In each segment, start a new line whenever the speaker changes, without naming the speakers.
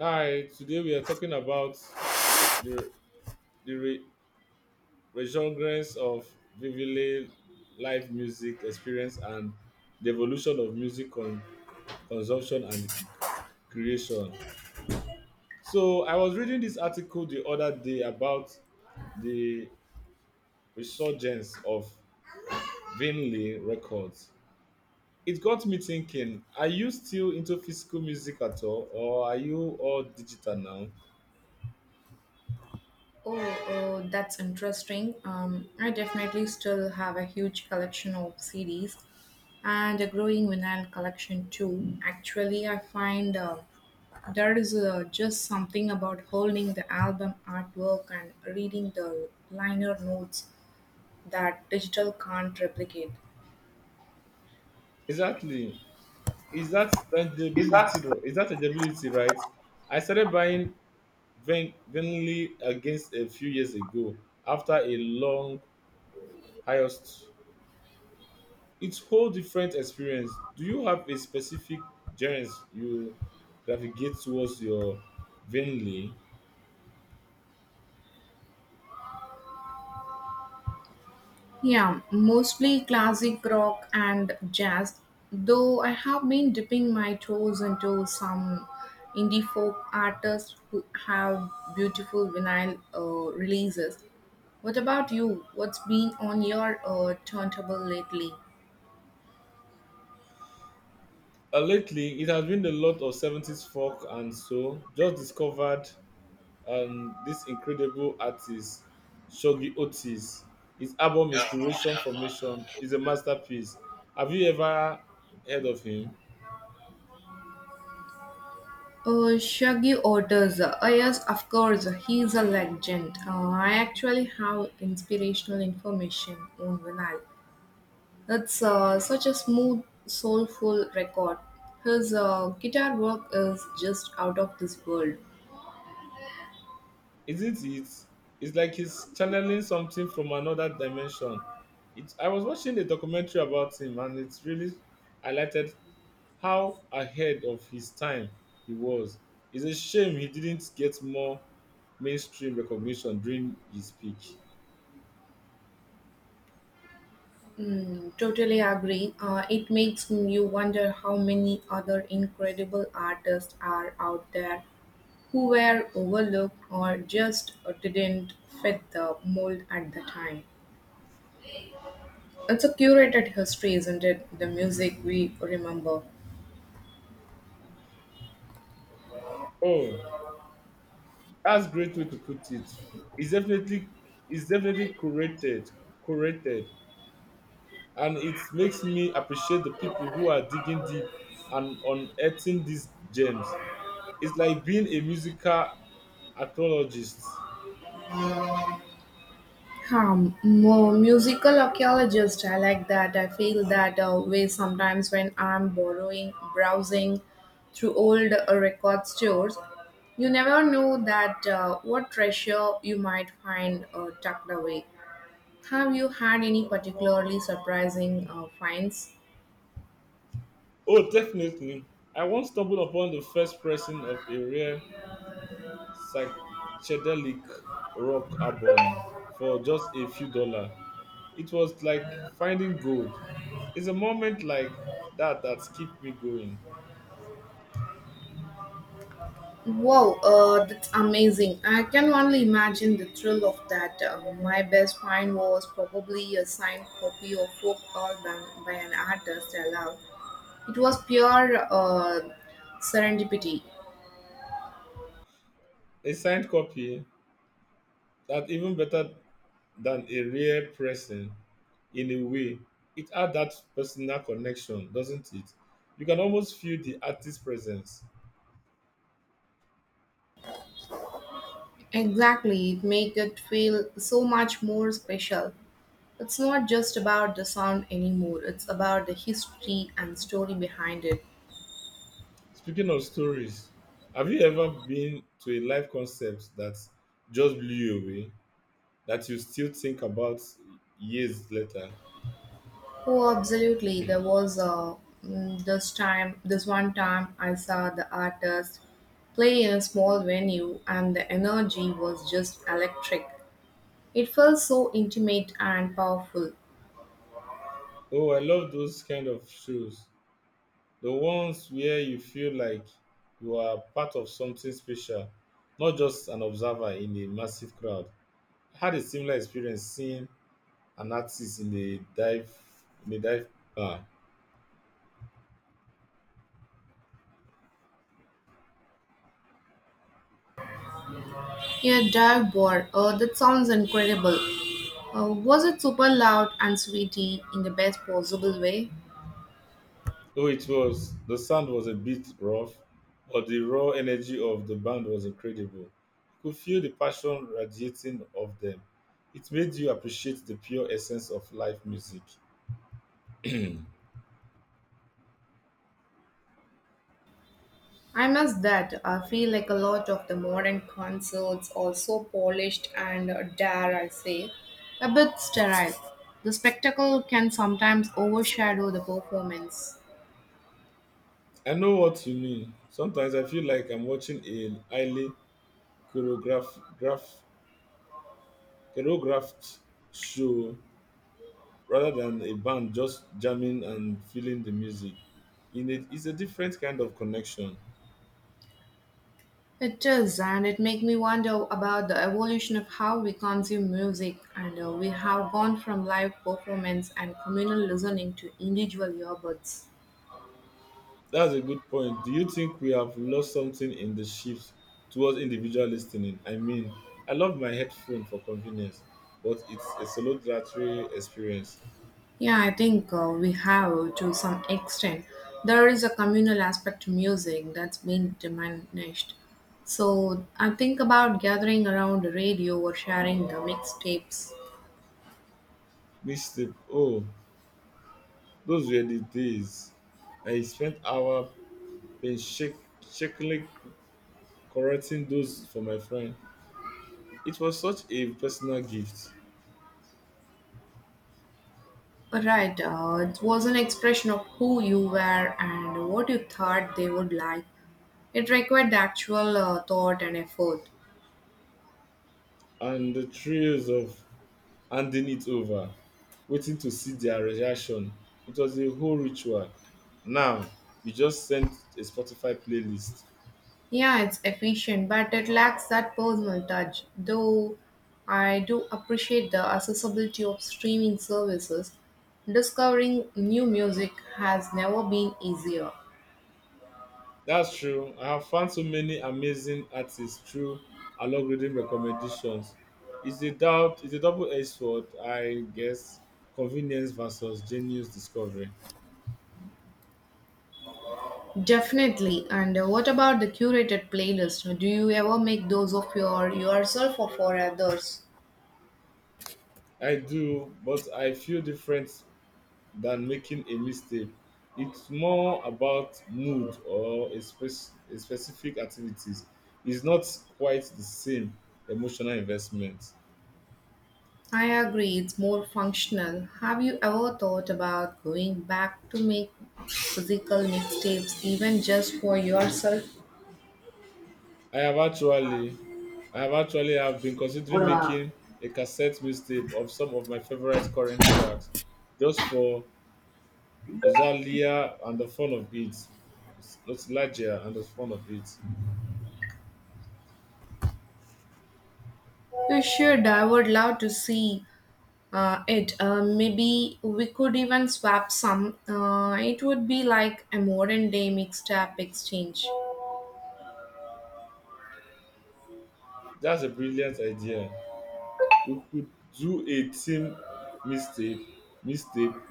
Hi, today we are talking about the, the re- resurgence of vividly live music experience and the evolution of consumption and creation. So, I was reading this article the other day about the resurgence of vinyl records. It got me thinking, are you still into physical music at all, or are you all digital now?
Oh, oh, that's interesting. I definitely still have a huge collection of CDs and a growing vinyl collection too. Actually, I find there is just something about holding the album artwork and reading the liner notes that digital can't replicate.
Exactly. Is that tangibility, is that tangibility, right? I started buying venly against a few years ago after a long hiatus. It's whole different experience. Do you have a specific journeys you navigate towards your venly?
Yeah, mostly classic rock and jazz, though I have been dipping my toes into some indie folk artists who have beautiful vinyl releases. What about you? What's been on your turntable lately?
Lately it has been a lot of 70s folk and so just discovered this incredible artist, Shogi Otis. His album Inspiration Formation is a masterpiece. Have you ever heard of him?
Shaggy Orders. Yes, of course, he's a legend. I actually have inspirational information on vinyl. It's such a smooth, soulful record. His guitar work is just out of this world.
Isn't it? It's like he's channeling something from another dimension. I was watching a documentary about him and it really highlighted how ahead of his time he was. It's a shame he didn't get more mainstream recognition during his peak.
Mm, totally agree. It makes you wonder how many other incredible artists are out there who were overlooked or just didn't fit the mold at the time. It's a curated history, isn't it? The music we remember.
Oh, that's great way to put it. It's definitely it's definitely curated, curated, and it makes me appreciate the people who are digging deep and unearthing these gems. It's like being a musical archaeologist.
Musical archaeologist, I like that. I feel that way sometimes when I'm borrowing, browsing through old record stores. You never know that what treasure you might find tucked away. Have you had any particularly surprising finds?
Oh, definitely. I once stumbled upon the first pressing of a rare psychedelic rock album for just a few dollars. It was like finding gold. It's a moment like that keep me going.
Wow, that's amazing. I can only imagine the thrill of that. My best find was probably a signed copy of folk album by an artist I love. It was pure serendipity.
A signed copy, that even better than a rare pressing in a way. It had that personal connection, doesn't it? You can almost feel the artist's presence.
Exactly, it made it feel so much more special. It's not just about the sound anymore, it's about the history and story behind it.
Speaking of stories, have you ever been to a live concert that just blew you away, that you still think about years later?
Oh, absolutely. There was mm, this time, this one time I saw the artist play in a small venue and the energy was just electric. It felt so intimate and powerful.
Oh, I love those kind of shows. The ones where you feel like you are part of something special, not just an observer in a massive crowd. I had a similar experience seeing an artist in a dive bar.
Yeah, dive bar. Oh, that sounds incredible. Was it super loud and sweety in the best possible way?
Oh, it was, the sound was a bit rough, but the raw energy of the band was incredible. You could feel the passion radiating of them. It made you appreciate the pure essence of live music.
I must that I feel like a lot of the modern concerts are so polished and dare I say a bit sterile. The spectacle can sometimes overshadow the performance.
I know what you mean. Sometimes I feel like I'm watching a highly choreographed, graph, choreographed show rather than a band just jamming and feeling the music. In it, it's a different kind of connection.
It does, and it makes me wonder about the evolution of how we consume music, and we have gone from live performance and communal listening to individual earbuds.
That's a good point. Do you think we have lost something in the shift towards individual listening? I mean, I love my headphone for convenience, but it's a solitary experience.
Yeah, I think we have to some extent. There is a communal aspect to music that's been diminished. So I think about gathering around the radio or sharing the mixtapes.
Missed it. Oh, those were the days. I spent hour painstakingly correcting those for my friend. It was such a personal gift,
Right, it was an expression of who you were and what you thought they would like. It required the actual thought and effort.
and the thrills of handing it over, waiting to see their reaction. It was a whole ritual. Now you just sent a Spotify playlist.
Yeah, it's efficient, but it lacks that personal touch. Though I do appreciate the accessibility of streaming services, discovering new music has never been easier.
That's true. I have found so many amazing artists through algorithm recommendations. It's a double edged sword, I guess. Convenience versus genius discovery.
Definitely. And what about the curated playlist? Do you ever make those of your yourself or for others?
I do, but I feel different than making a mistake. It's more about mood or a specific activities. It's not quite the same emotional investment.
I agree, it's more functional. Have you ever thought about going back to make physical mixtapes even just for yourself?
I have actually, I have actually have been considering making a cassette mixtape of some of my favorite current tracks, just for nostalgia and the fun of it. Nostalgia and the fun of it.
Sure, I would love to see it. Maybe we could even swap some. It would be like a modern day mixed up exchange.
That's a brilliant idea. We could do a team mixtape mixtape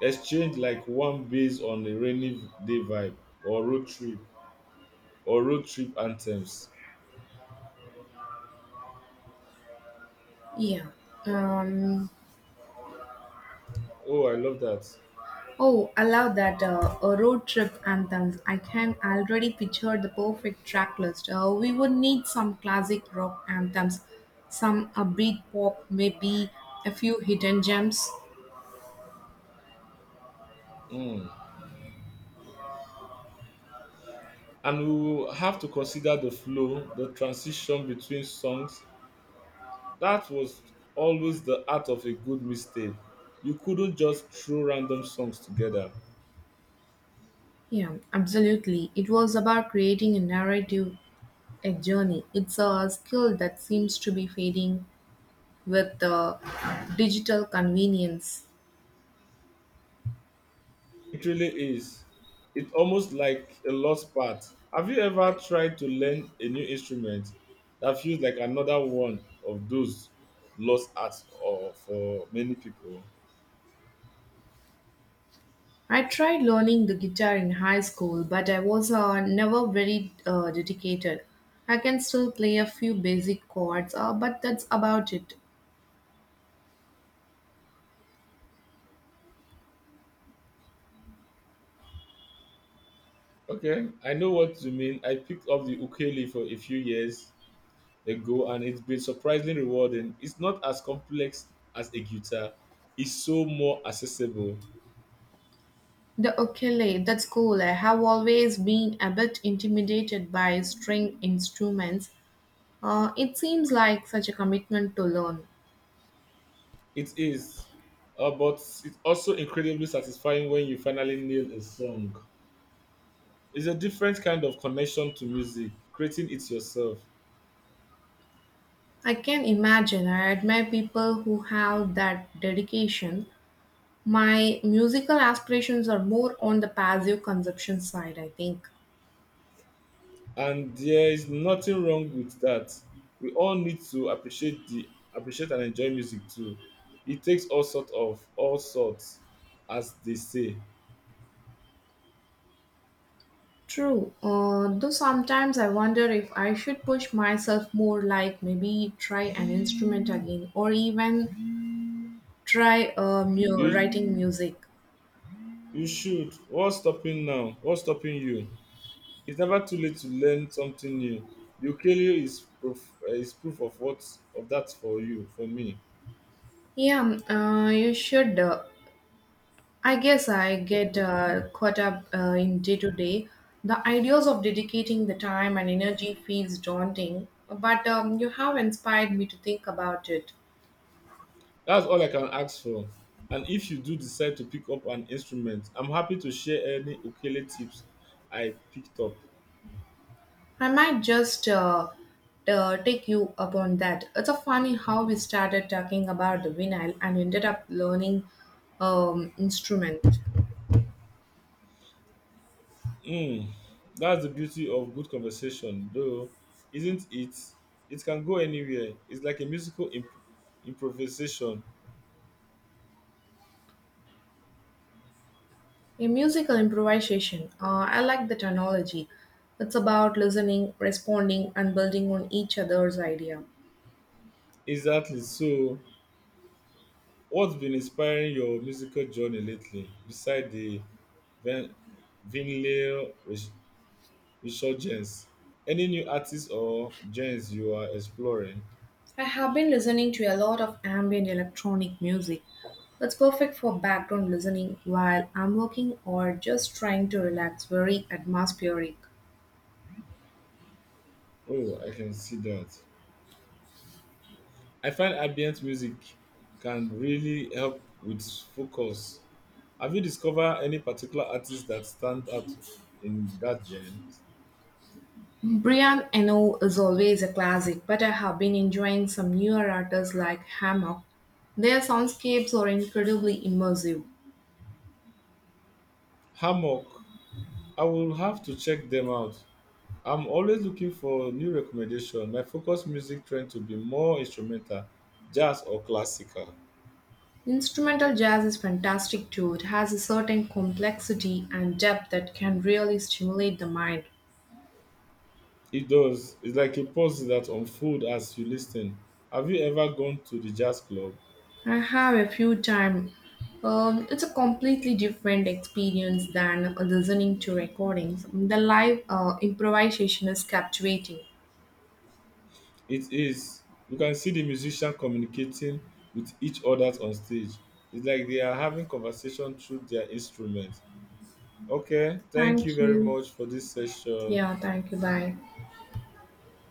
exchange, like one based on a rainy day vibe or road trip or road trip anthems.
Yeah. Um,
Oh, I love that.
oh, I love that a road trip anthems. I can already picture the perfect track list. We would need some classic rock anthems, some upbeat pop, maybe a few hidden gems.
Mm. And we will have to consider the flow, the transition between songs. That was always the art of a good mistake. You couldn't just throw random songs together.
Yeah, absolutely. It was about creating a narrative, a journey. It's a skill that seems to be fading with the digital convenience.
It really is. It's almost like a lost part. Have you ever tried to learn a new instrument? That feels like another one of those lost arts or for many people.
I tried learning the guitar in high school, but I was never very dedicated. I can still play a few basic chords, but that's about it.
Okay, I know what you mean. I picked up the ukulele for a few years ago and it's been surprisingly rewarding. It's not as complex as a guitar, it's so more accessible.
The ukulele, that's cool. I have always been a bit intimidated by string instruments. It seems like such a commitment to learn.
It is, but it's also incredibly satisfying when you finally nail a song. It's a different kind of connection to music, creating it yourself.
I can imagine. I admire people who have that dedication. My musical aspirations are more on the passive consumption side, I think.
And there is nothing wrong with that. We all need to appreciate and enjoy music too. It takes all sorts, as they say.
True. Though sometimes I wonder if I should push myself more, like maybe try an instrument again or even try
You
writing music.
you should. What's stopping now? What's stopping you? It's never too late to learn something new. The ukulele is proof of what of that for you, for me.
Yeah, you should. I guess I get caught up in day to day. The ideas of dedicating the time and energy feels daunting, but you have inspired me to think about it.
That's all I can ask for. And if you do decide to pick up an instrument, I'm happy to share any ukulele tips I picked up.
I might just take you up on that. It's a funny how we started talking about the vinyl and ended up learning instrument.
Mm, that's the beauty of good conversation, though, isn't it? It can go anywhere. It's like a improvisation.
A musical improvisation. I like the technology. It's about listening, responding, and building on each other's idea.
Exactly. So, what's been inspiring your musical journey lately, beside the Van- vinyl res- resurgence? Any new artists or genres you are exploring?
I have been listening to a lot of ambient electronic music. It's perfect for background listening while I'm working or just trying to relax, very atmospheric.
Oh, I can see that. I find ambient music can really help with focus. Have you discovered any particular artists that stand out in that genre?
Brian Eno is always a classic, but I have been enjoying some newer artists like Hammock. Their soundscapes are incredibly immersive.
Hammock, I will have to check them out. I'm always looking for new recommendation. My focus music trend to be more instrumental, jazz or classical.
Instrumental jazz is fantastic too. It has a certain complexity and depth that can really stimulate the mind.
It does. It's like a pause that unfold as you listen. Have you ever gone to the jazz club?
I have a few times. It's a completely different experience than listening to recordings. The live improvisation is captivating.
It is. You can see the musician communicating with each other on stage. It's like they are having conversation through their instruments. Okay, thank you
Thank
very
you.
much for this session.
Yeah, thank you. Bye.